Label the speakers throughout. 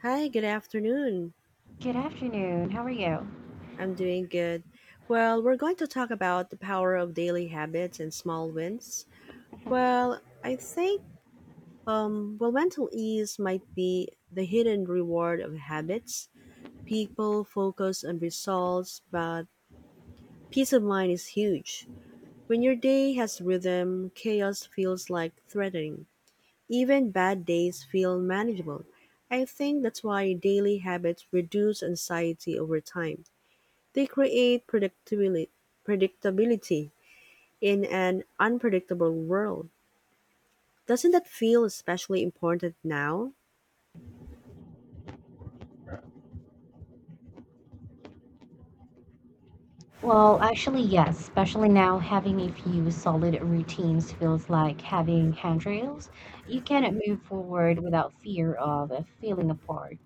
Speaker 1: Hi, good afternoon.
Speaker 2: Good afternoon. How are you?
Speaker 1: I'm doing good. Well, we're going to talk about the power of daily habits and small wins. Well, I think well mental ease might be the hidden reward of habits. People focus on results, but peace of mind is huge. When your day has rhythm, chaos feels like threatening. Even bad days feel manageable. I think that's why daily habits reduce anxiety over time. They create predictability in an unpredictable world. Doesn't that feel especially important now?
Speaker 2: Well, actually, yes, especially now having a few solid routines feels like having handrails. You can move forward without fear of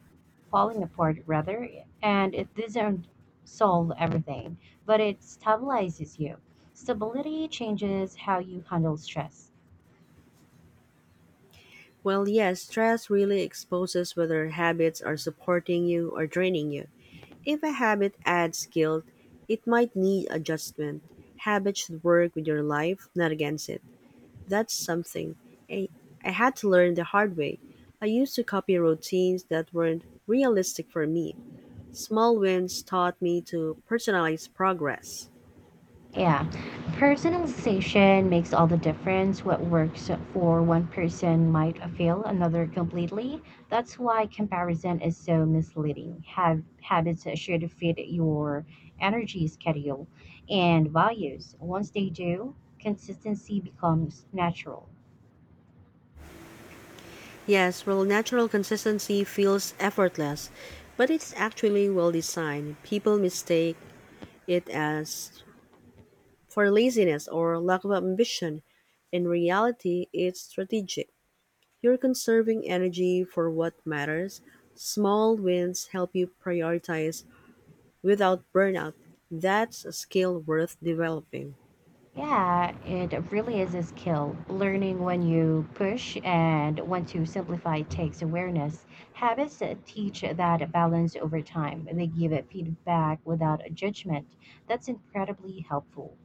Speaker 2: falling apart rather, and it doesn't solve everything, but it stabilizes you. Stability changes how you handle stress.
Speaker 1: Well, yes, stress really exposes whether habits are supporting you or draining you. If a habit adds guilt, it might need adjustment. Habits should work with your life, not against it. That's something I, I had to learn the hard way. I used to copy routines that weren't realistic for me. Small wins taught me to personalize progress.
Speaker 2: Yeah, personalization makes all the difference. What works for one person might fail another completely. That's why comparison is so misleading. Have habits should fit your energy schedule and values. Once they do, consistency becomes natural.
Speaker 1: Yes, while natural consistency feels effortless, but it's actually well designed. People mistake it as for laziness or lack of ambition. In reality, it's strategic. You're conserving energy for what matters. Small wins help you prioritize without burnout. That's a skill worth developing.
Speaker 2: Yeah, it really is a skill. Learning when you push and when to simplify takes awareness. Habits teach that balance over time. They give it feedback without a judgment. That's incredibly helpful.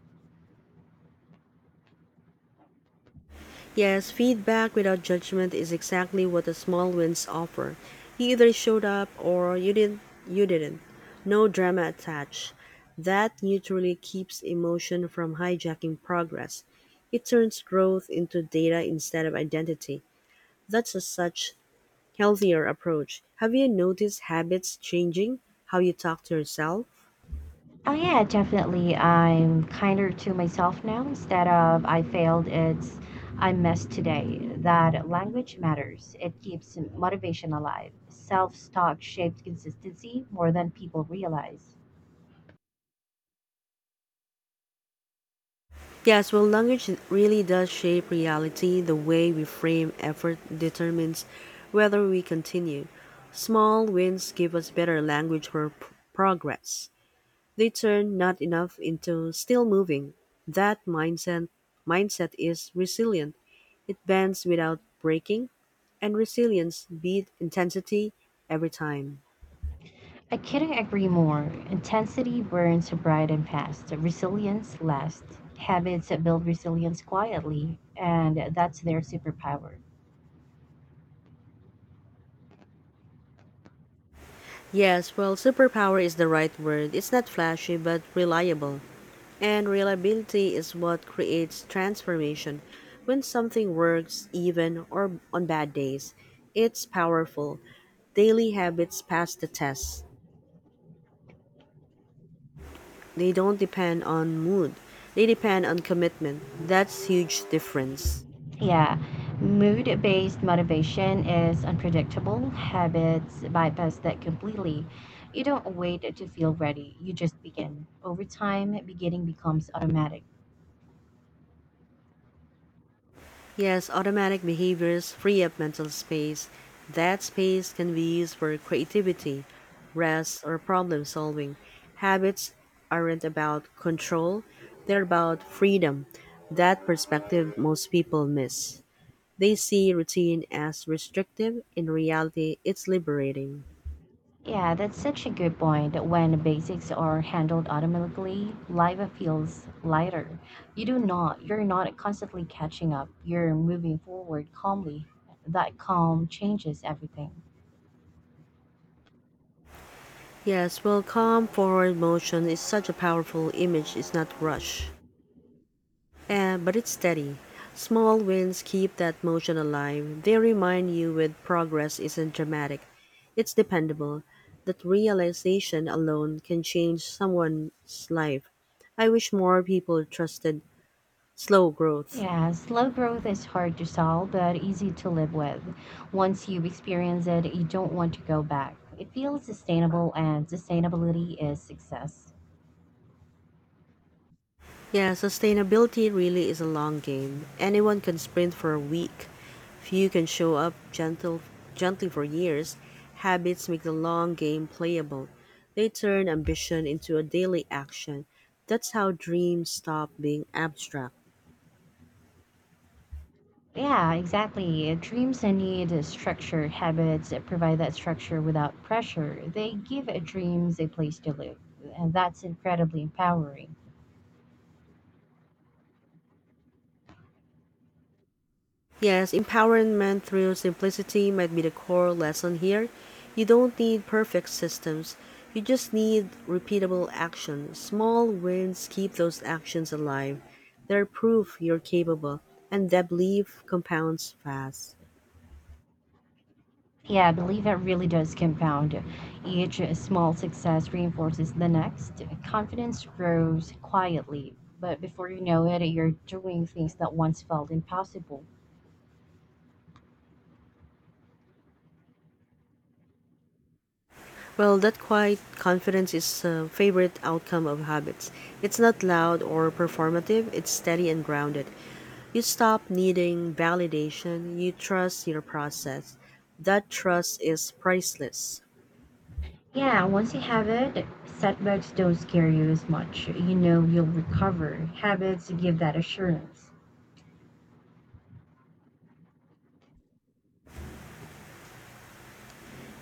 Speaker 1: Yes, feedback without judgment is exactly what the small wins offer. You either showed up or you didn't. No drama attached. That neutrally keeps emotion from hijacking progress. It turns growth into data instead of identity. That's a such healthier approach. Have you noticed habits changing how you talk to yourself?
Speaker 2: Oh, yeah, definitely. I'm kinder to myself now instead of I failed, it's I messed today. That language matters. It keeps motivation alive. Self talk shaped consistency more than people realize.
Speaker 1: Yes, well, language really does shape reality. The way we frame effort determines whether we continue. Small wins give us better language for progress. They turn not enough into still moving. That mindset is resilient. It bends without breaking, and resilience beat intensity every time.
Speaker 2: I couldn't agree more. Intensity burns bright and fast. Resilience lasts. Habits build resilience quietly, and that's their superpower.
Speaker 1: Yes, well, superpower is the right word. It's not flashy but reliable. And reliability is what creates transformation. When something works, even or on bad days, it's powerful. Daily habits pass the test. They don't depend on mood. They depend on commitment. That's huge difference.
Speaker 2: Yeah, mood based motivation is unpredictable. Habits bypass that completely. You don't wait to feel ready, you just begin. Over time, beginning becomes automatic.
Speaker 1: Yes, automatic behaviors free up mental space. That space can be used for creativity, rest, or problem solving. Habits aren't about control, they're about freedom. That perspective most people miss. They see routine as restrictive, in reality, it's liberating.
Speaker 2: Yeah, that's such a good point. When basics are handled automatically, life feels lighter. You're not constantly catching up. You're moving forward calmly. That calm changes everything.
Speaker 1: Yes, well, calm forward motion is such a powerful image, it's not rush. But it's steady. Small wins keep that motion alive. They remind you with progress isn't dramatic, it's dependable. That realization alone can change someone's life. I wish more people trusted slow growth.
Speaker 2: Yeah, slow growth is hard to solve, but easy to live with. Once you experience it, you don't want to go back. It feels sustainable, and sustainability is success.
Speaker 1: Yeah, sustainability really is a long game. Anyone can sprint for a week. Few can show up gently for years. Habits make the long game playable. They turn ambition into a daily action. That's how dreams stop being abstract.
Speaker 2: Yeah, exactly. Dreams need a structure. Habits that provide that structure without pressure. They give a dreams a place to live, and that's incredibly empowering.
Speaker 1: Yes, empowerment through simplicity might be the core lesson here. You don't need perfect systems. You just need repeatable action. Small wins keep those actions alive. They're proof you're capable, and that belief compounds fast.
Speaker 2: Yeah, I believe it really does compound. Each small success reinforces the next. Confidence grows quietly, but before you know it, you're doing things that once felt impossible.
Speaker 1: Well, that quiet confidence is a favorite outcome of habits. It's not loud or performative, it's steady and grounded. You stop needing validation, you trust your process. That trust is priceless.
Speaker 2: Yeah, once you have it, setbacks don't scare you as much. You know you'll recover. Habits give that assurance.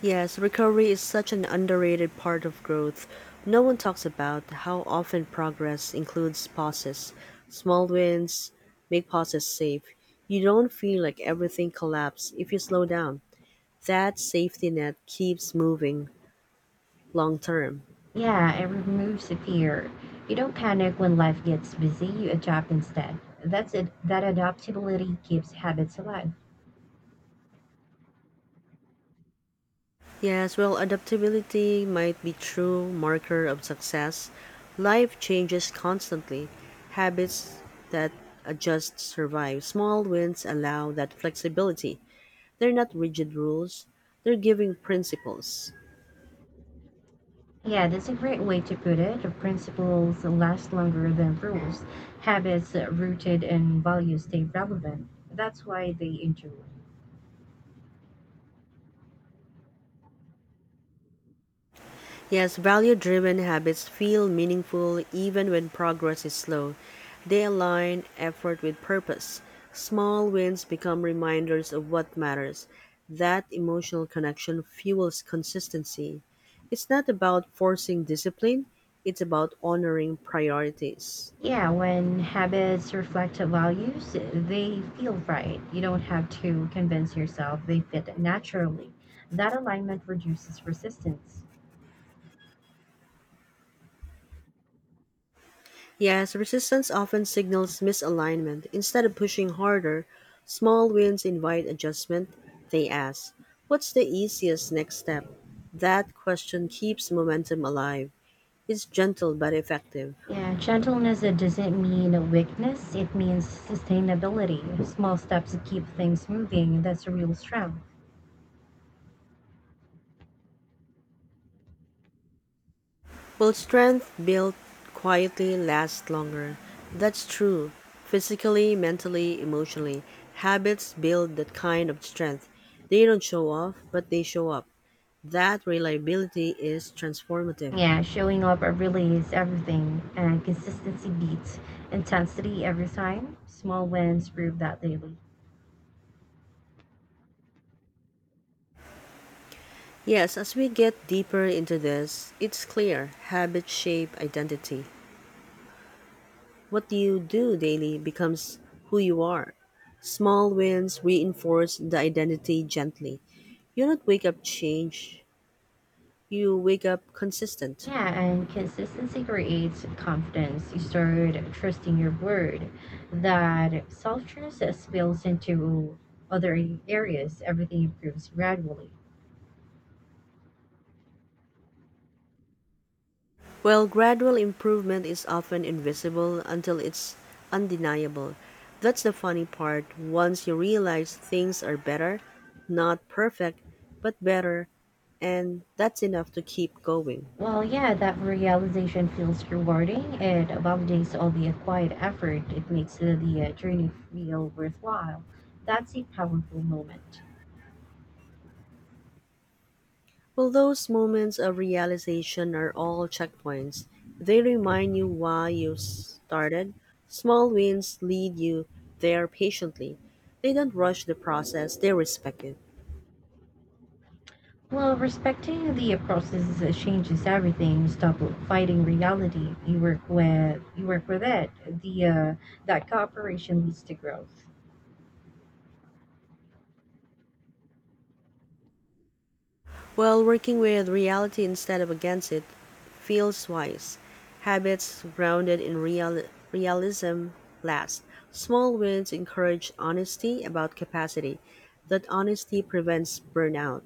Speaker 1: Yes, recovery is such an underrated part of growth. No one talks about how often progress includes pauses. Small wins make pauses safe. You don't feel like everything collapses if you slow down. That safety net keeps moving long term.
Speaker 2: Yeah, it removes the fear. You don't panic when life gets busy, you adapt instead. That's it. That adaptability keeps habits alive.
Speaker 1: Yes, well, adaptability might be true marker of success. Life changes constantly. Habits that adjust survive. Small wins allow that flexibility. They're not rigid rules, they're giving principles.
Speaker 2: Yeah, that's a great way to put it. The principles last longer than rules. Habits rooted in values stay relevant. That's why they endure.
Speaker 1: Yes, value driven habits feel meaningful even when progress is slow. They align effort with purpose. Small wins become reminders of what matters. That emotional connection fuels consistency. It's not about forcing discipline, it's about honoring priorities.
Speaker 2: Yeah, when habits reflect the values, they feel right. You don't have to convince yourself they fit naturally. That alignment reduces resistance.
Speaker 1: Yes, resistance often signals misalignment. Instead of pushing harder, small wins invite adjustment. They ask, what's the easiest next step? That question keeps momentum alive. It's gentle but effective.
Speaker 2: Yeah, gentleness, it doesn't mean weakness, it means sustainability. Small steps to keep things moving, that's a real strength.
Speaker 1: Will strength built quietly last longer? That's true. Physically, mentally, emotionally, habits build that kind of strength. They don't show off, but they show up. That reliability is transformative.
Speaker 2: Yeah, showing up really is everything, and consistency beats intensity every time. Small wins prove that daily.
Speaker 1: Yes, as we get deeper into this, it's clear habits shape identity. What you do daily becomes who you are. Small wins reinforce the identity gently. You don't wake up change, you wake up consistent.
Speaker 2: Yeah, and consistency creates confidence. You start trusting your word. That self trust spills into other areas, everything improves gradually.
Speaker 1: While gradual improvement is often invisible until it's undeniable, that's the funny part. Once you realize things are better, not perfect, but better, and that's enough to keep going.
Speaker 2: Well, yeah, that realization feels rewarding. It validates all the acquired effort. It makes the journey feel worthwhile. That's a powerful moment.
Speaker 1: Well, those moments of realization are all checkpoints. They remind you why you started. Small wins lead you there patiently. They don't rush the process, they respect it.
Speaker 2: Well, respecting the process changes everything. You stop fighting reality. You work with it. The that cooperation leads to growth.
Speaker 1: Well, working with reality instead of against it feels wise. Habits grounded in realism last. Small wins encourage honesty about capacity. That honesty prevents burnout.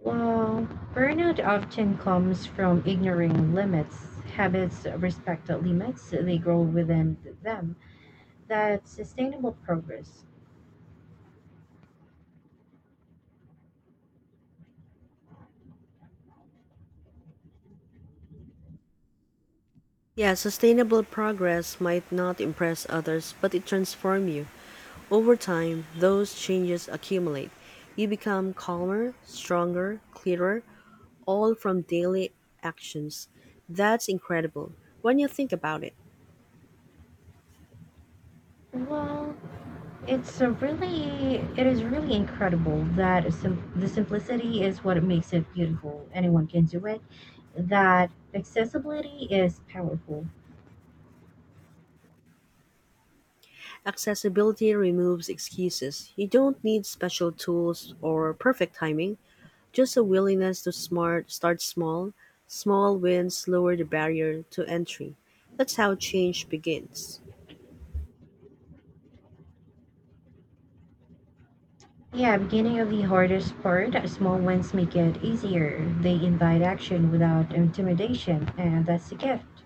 Speaker 2: Well, burnout often comes from ignoring limits. Habits respect the limits. They grow within them that sustainable progress?
Speaker 1: Yeah, sustainable progress might not impress others, but it transforms you. Over time, those changes accumulate. You become calmer, stronger, clearer, all from daily actions. That's incredible when you think about it.
Speaker 2: Well, it is really incredible that the simplicity is what makes it beautiful. Anyone can do it. That accessibility is powerful.
Speaker 1: Accessibility removes excuses. You don't need special tools or perfect timing, just a willingness to smart start small. Small wins lower the barrier to entry. That's how change begins.
Speaker 2: Yeah, beginning of the hardest part, small wins make it easier. They invite action without intimidation, and that's a gift.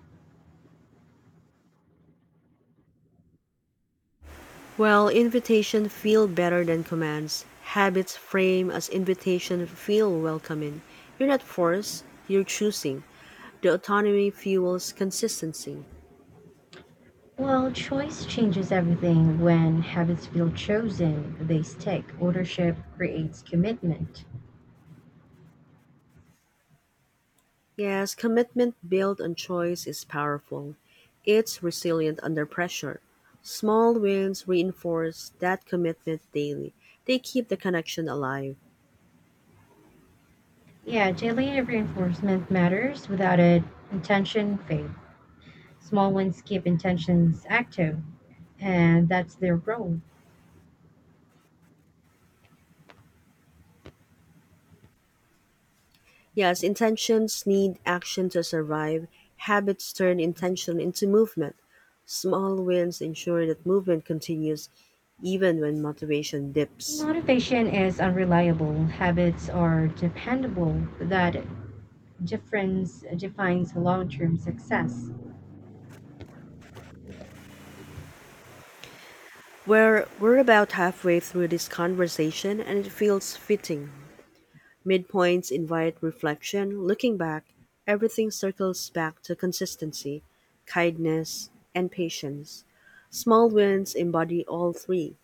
Speaker 1: While invitation feel better than commands, habits frame as invitation feel welcoming. You're not forced, you're choosing. The autonomy fuels consistency.
Speaker 2: Well, choice changes everything. When habits feel chosen, they stick. Ownership creates commitment.
Speaker 1: Yes, commitment built on choice is powerful. It's resilient under pressure. Small wins reinforce that commitment daily. They keep the connection alive.
Speaker 2: Yeah, daily reinforcement matters without it. Intention fades. Small ones keep intentions active, and that's their role.
Speaker 1: Yes, intentions need action to survive. Habits turn intention into movement. Small wins ensure that movement continues even when motivation dips.
Speaker 2: Motivation is unreliable. Habits are dependable. That difference defines long term success.
Speaker 1: We're about halfway through this conversation and it feels fitting. Midpoints invite reflection. Looking back, everything circles back to consistency, kindness, and patience. Small wins embody all three.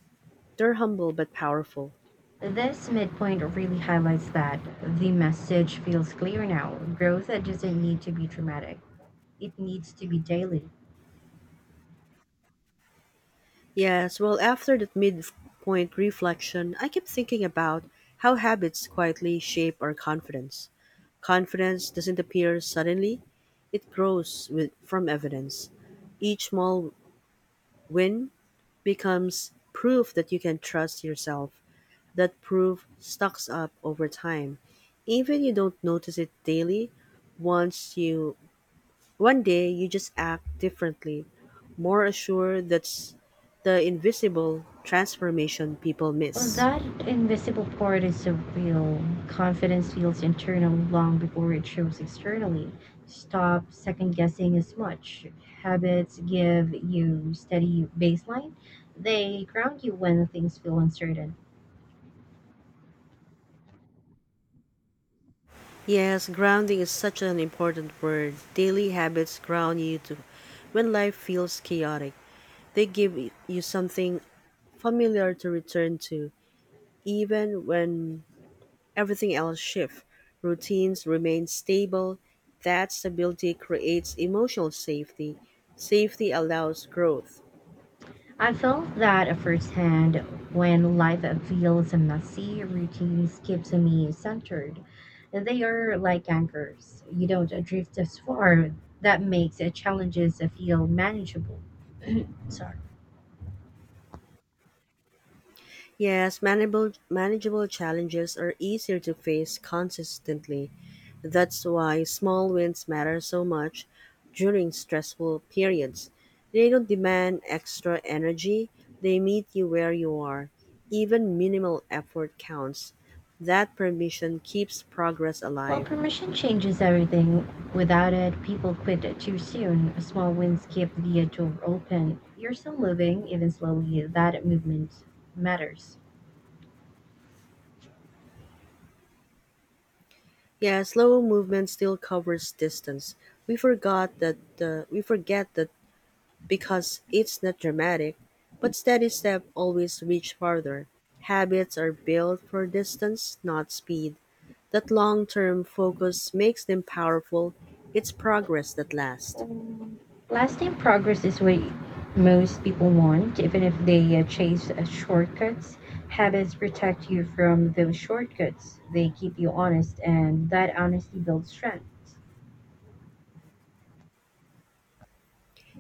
Speaker 1: They're humble but powerful.
Speaker 2: This midpoint really highlights that. The message feels clear now. Growth doesn't need to be dramatic, it needs to be daily.
Speaker 1: Yes, well, after that midpoint reflection, I kept thinking about how habits quietly shape our confidence. Confidence doesn't appear suddenly, it grows from evidence. Each small win becomes proof that you can trust yourself. That proof stocks up over time. Even you don't notice it daily, once you one day you just act differently, more assured. That's the invisible transformation people
Speaker 2: Well,
Speaker 1: miss.
Speaker 2: that invisible part is so real. Confidence feels internal long before it shows externally. Stop second guessing as much. Habits give you steady baseline. They ground you when things feel uncertain.
Speaker 1: Yes, grounding is such an important word. Daily habits ground you to when life feels chaotic. They give you something familiar to return to, even when everything else shifts. Routines remain stable. That stability creates emotional safety. Safety allows growth.
Speaker 2: I felt that firsthand when life feels messy, routines keeps me centered. They are like anchors. You don't drift as far. That makes challenges feel manageable. Sorry.
Speaker 1: Yes, manageable challenges are easier to face consistently. That's why small wins matter so much during stressful periods. They don't demand extra energy, they meet you where you are. Even minimal effort counts. That permission keeps progress
Speaker 2: While
Speaker 1: alive.
Speaker 2: permission changes everything. Without it, people quit it too soon. Small wins keep the door open. You're still moving, even slowly. That movement matters.
Speaker 1: Yeah, slow movement still covers distance. We forget that because it's not dramatic, but steady step always reach farther. Habits are built for distance, not speed. That long term focus makes them powerful. It's progress that lasts.
Speaker 2: Um, Lasting progress is what most people want, even if they chase shortcuts. Habits protect you from those shortcuts. They keep you honest, and that honesty builds strength.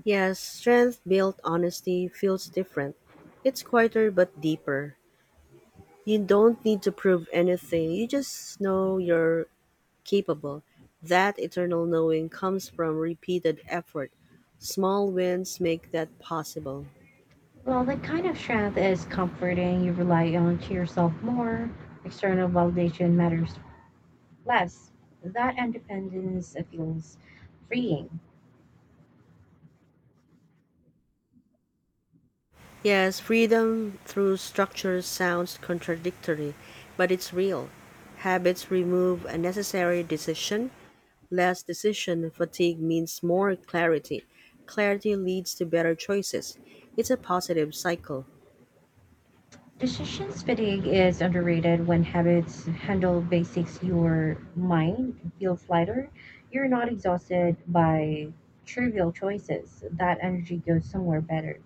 Speaker 1: Yes, strength built honesty feels different. It's quieter but deeper. You don't need to prove anything, you just know you're capable. That eternal knowing comes from repeated effort. Small wins make that possible.
Speaker 2: Well, that kind of strength is comforting. You rely on to yourself more. External validation matters less, that independence feels freeing.
Speaker 1: Yes, freedom through structure sounds contradictory, but it's real. Habits remove unnecessary decision. Less decision fatigue means more clarity. Clarity leads to better choices. It's a positive cycle.
Speaker 2: Decisions fatigue is underrated when habits handle basics, your mind feels lighter. You're not exhausted by trivial choices. That energy goes somewhere better.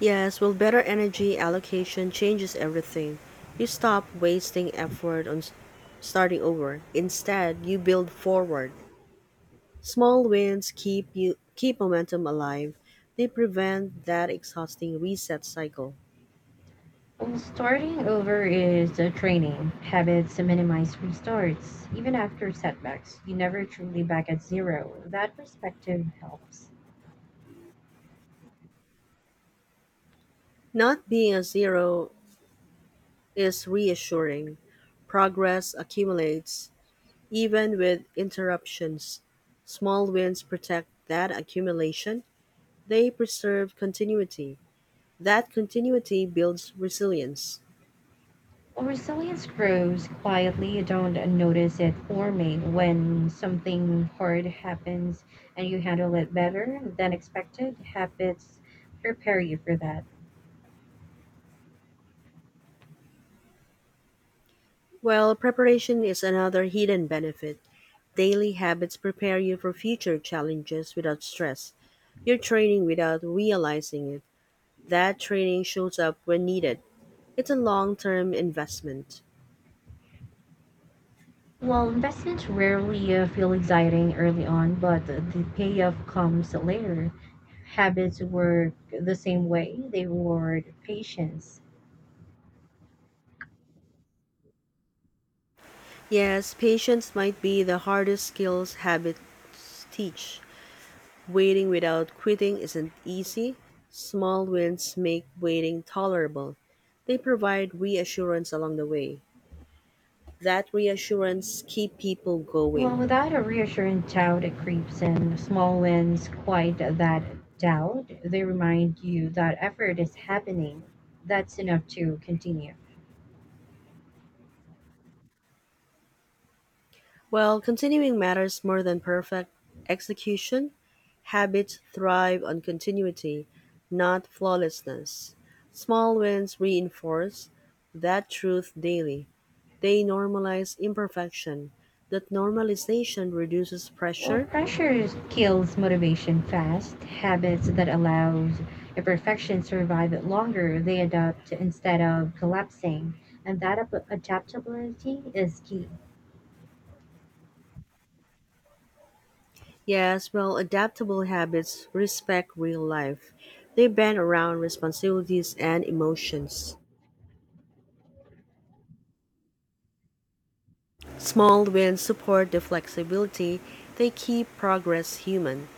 Speaker 1: Yes, well, better energy allocation changes everything. You stop wasting effort on starting over. Instead, you build forward. Small wins keep momentum alive. They prevent that exhausting reset cycle.
Speaker 2: Well, starting over is a training. Habits minimize restarts. Even after setbacks, you never truly back at zero. That perspective helps.
Speaker 1: Not being a zero is reassuring. Progress accumulates even with interruptions. Small wins protect that accumulation. They preserve continuity. That continuity builds resilience.
Speaker 2: Resilience grows quietly. You don't notice it forming when something hard happens and you handle it better than expected. Habits prepare you for that.
Speaker 1: Well, preparation is another hidden benefit. Daily habits prepare you for future challenges without stress. You're training without realizing it. That training shows up when needed. It's a long term investment.
Speaker 2: Well, investments rarely feel exciting early on, but the payoff comes later. Habits work the same way, they reward patience.
Speaker 1: Yes, patience might be the hardest skills habits teach. Waiting without quitting isn't easy. Small wins make waiting tolerable. They provide reassurance along the way. That reassurance keep people
Speaker 2: Well,
Speaker 1: going.
Speaker 2: without a reassuring doubt, it creeps in. Small wins quiet that doubt. They remind you that effort is happening. That's enough to continue.
Speaker 1: While continuing matters more than perfect execution, habits thrive on continuity, not flawlessness. Small wins reinforce that truth daily. They normalize imperfection. That normalization reduces
Speaker 2: Well,
Speaker 1: pressure.
Speaker 2: pressure kills motivation fast. Habits that allows imperfection survive it longer. They adapt instead of collapsing, and that adaptability is key.
Speaker 1: Yes, well, adaptable habits respect real life. They bend around responsibilities and emotions. Small wins support the flexibility. They keep progress human.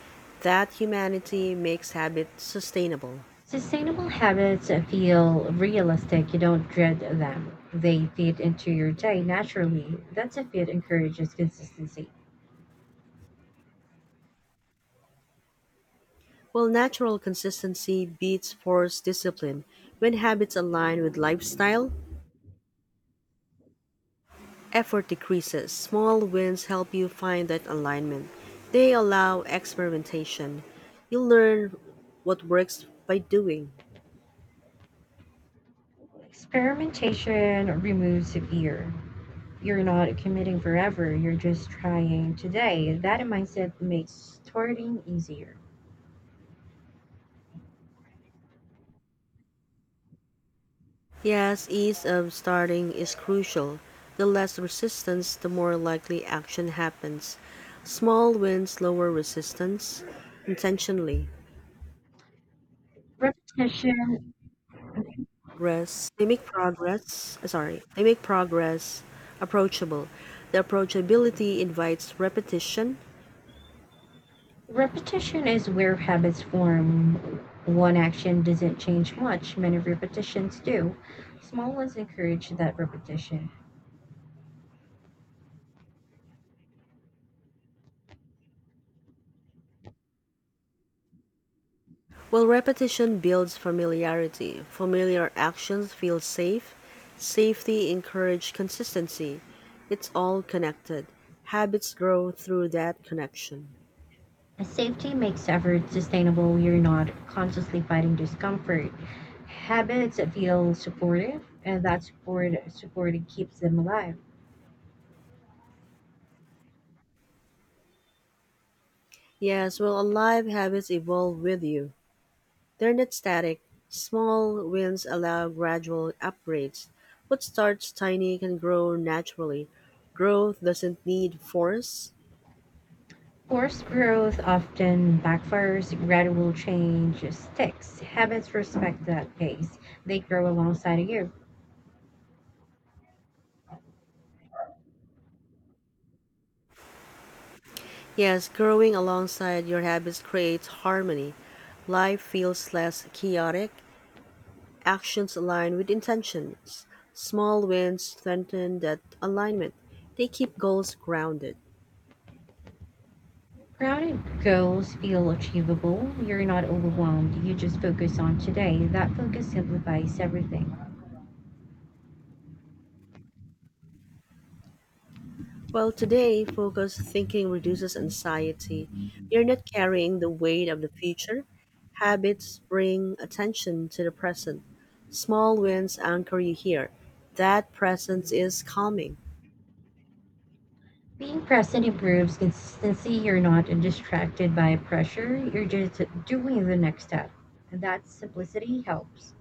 Speaker 1: That humanity makes habit sustainable.
Speaker 2: Sustainable habits feel realistic. You don't dread them. They fit into your day naturally. That a fit encourages consistency.
Speaker 1: While natural consistency beats forced discipline, when habits align with lifestyle, effort decreases. Small wins help you find that alignment. They allow experimentation. You learn what works by doing.
Speaker 2: Experimentation removes fear. You're not committing forever, you're just trying today. That mindset makes starting easier.
Speaker 1: Yes, ease of starting is crucial. The less resistance, the more likely action happens. Small wins lower resistance intentionally.
Speaker 2: Repetition
Speaker 1: Progress, they make progress sorry they make progress approachable. The approachability invites repetition.
Speaker 2: repetition is where habits form. One action doesn't change much, many repetitions do. Small ones encourage that repetition.
Speaker 1: While repetition builds familiarity, familiar actions feel safe. Safety encourage consistency. It's all connected. Habits grow through that connection.
Speaker 2: Safety makes effort sustainable. You're not consciously fighting discomfort. Habits that feel supportive, and that support keeps them alive.
Speaker 1: Yes, well, alive habits evolve with you. They're not static; small wins allow gradual upgrades. What starts tiny can grow naturally. Growth doesn't need force.
Speaker 2: Forced growth often backfires. Gradual change sticks. Habits respect that pace. They grow alongside of you.
Speaker 1: Yes, growing alongside your habits creates harmony. Life feels less chaotic. Actions align with intentions. Small wins strengthen that alignment. They keep goals grounded.
Speaker 2: Grounded goals feel achievable. You're not overwhelmed. You just focus on today. That focus simplifies everything.
Speaker 1: Well, today, focused thinking reduces anxiety. You're not carrying the weight of the future. Habits bring attention to the present. Small wins anchor you here. That presence is calming.
Speaker 2: Being present improves consistency. You're not distracted by pressure. You're just doing the next step. And that simplicity helps.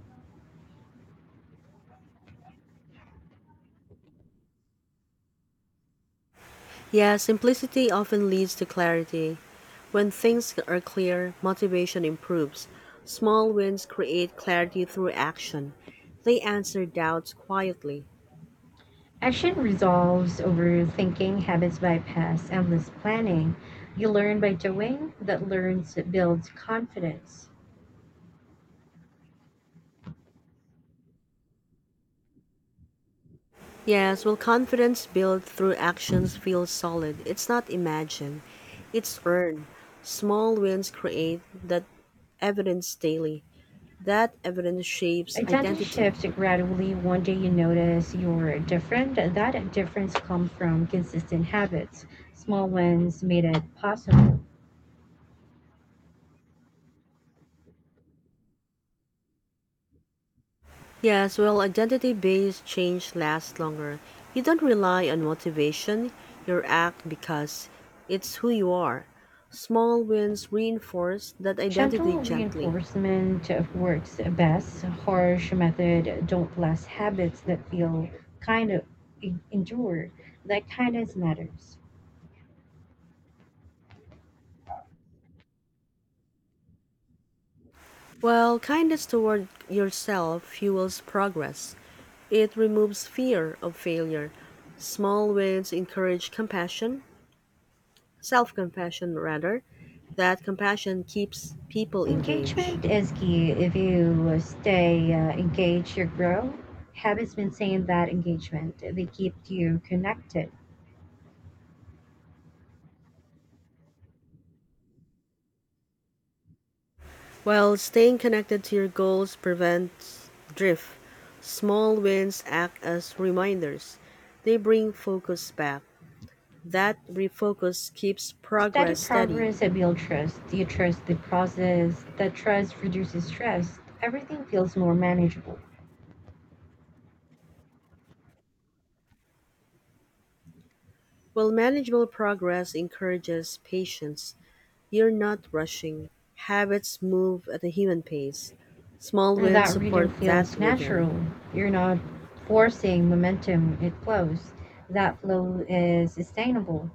Speaker 1: Yeah, simplicity often leads to clarity. When things are clear, motivation improves. Small wins create clarity through action. They answer doubts quietly.
Speaker 2: Action resolves overthinking. Habits bypass endless planning. You learn by doing. That learns builds confidence.
Speaker 1: Yes, well, confidence built through actions feels solid. It's not imagined, it's earned. Small wins create that evidence daily. That evidence shapes
Speaker 2: Identity
Speaker 1: identity.
Speaker 2: shifts gradually. One day you notice you're different. That difference comes from consistent habits. Small wins made it possible.
Speaker 1: Yes, well, identity based change lasts longer. You don't rely on motivation, you act because it's who you are. Small wins reinforce that identity
Speaker 2: Gentle
Speaker 1: gently.
Speaker 2: reinforcement works best. Harsh method don't last habits that feel kind of endure. That kindness matters.
Speaker 1: Well, kindness toward yourself fuels progress. It removes fear of failure. Small wins encourage self compassion rather. That compassion keeps people engaged.
Speaker 2: Engagement is key. If you stay engaged, you grow. Habits maintain that engagement. They keep you connected.
Speaker 1: While staying connected to your goals prevents drift, small wins act as reminders. They bring focus back. That refocus keeps
Speaker 2: Steady
Speaker 1: progress steady,
Speaker 2: progress builds trust. You trust the process. That trust reduces stress. Everything feels more manageable.
Speaker 1: while manageable progress encourages patience. You're not rushing; habits move at a human pace. Small
Speaker 2: And
Speaker 1: wins
Speaker 2: that rhythm
Speaker 1: support that
Speaker 2: feels
Speaker 1: rhythm.
Speaker 2: natural. You're not forcing momentum, it flows. That flow is sustainable.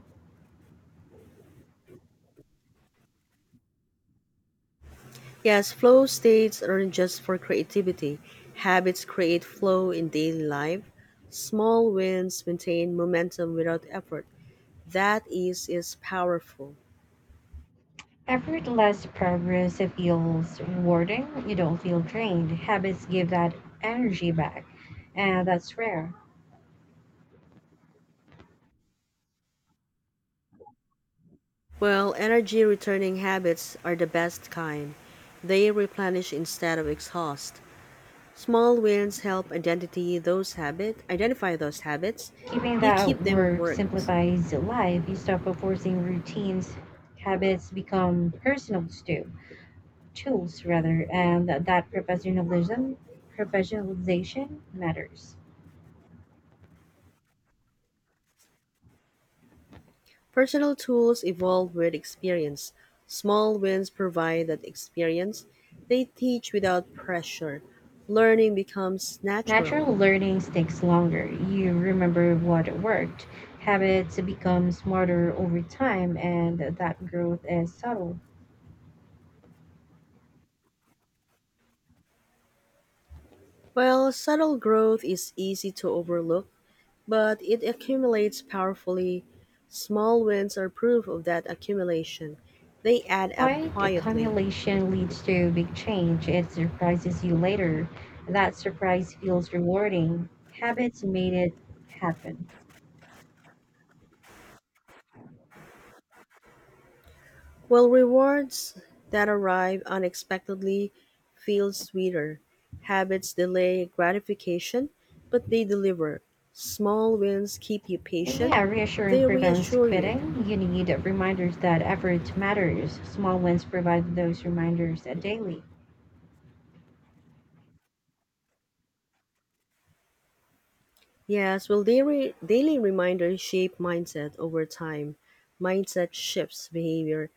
Speaker 1: Yes, flow states aren't just for creativity. Habits create flow in daily life. Small wins maintain momentum without effort. That ease is powerful.
Speaker 2: Effortless progress feels rewarding. You don't feel drained. Habits give that energy back, and that's rare.
Speaker 1: Well, energy returning habits are the best kind. They replenish instead of exhaust. Small wins help identify those habits.
Speaker 2: Keeping
Speaker 1: You
Speaker 2: that
Speaker 1: keep them
Speaker 2: work
Speaker 1: worked.
Speaker 2: simplifies life. You stop forcing routines. Habits become personal too, tools rather, and that professionalization matters.
Speaker 1: Personal tools evolve with experience. Small wins provide that experience. They teach without pressure. Learning becomes natural.
Speaker 2: Natural learning takes longer. You remember what worked. Habits become smarter over time, and that growth is subtle.
Speaker 1: While subtle growth is easy to overlook, but it accumulates powerfully. Small wins are proof of that accumulation. They add up
Speaker 2: Quiet
Speaker 1: quietly.
Speaker 2: accumulation leads to big change. It surprises you later. That surprise feels rewarding. Habits made it happen.
Speaker 1: Well, rewards that arrive unexpectedly feel sweeter. Habits delay gratification, but they deliver. Small wins keep you patient.
Speaker 2: Yeah,
Speaker 1: They
Speaker 2: reassurance prevents
Speaker 1: reassure you.
Speaker 2: quitting. You need reminders that effort matters. Small wins provide those reminders daily.
Speaker 1: Yes, well, daily reminders shape mindset over time. Mindset shifts behavior.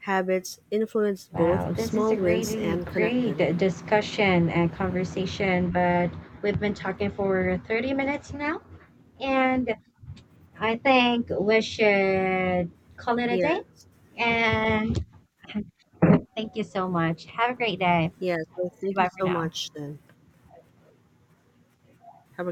Speaker 1: Habits influence
Speaker 2: Wow,
Speaker 1: both
Speaker 2: this is
Speaker 1: small
Speaker 2: a
Speaker 1: wins
Speaker 2: really
Speaker 1: and connect
Speaker 2: great
Speaker 1: them.
Speaker 2: discussion and conversation, but we've been talking for 30 minutes now, and I think we should call it a day.
Speaker 1: Yes,
Speaker 2: And thank you so much. Have a great day.
Speaker 1: yes. Well, thank you
Speaker 2: Bye for
Speaker 1: so
Speaker 2: now.
Speaker 1: much then. Have a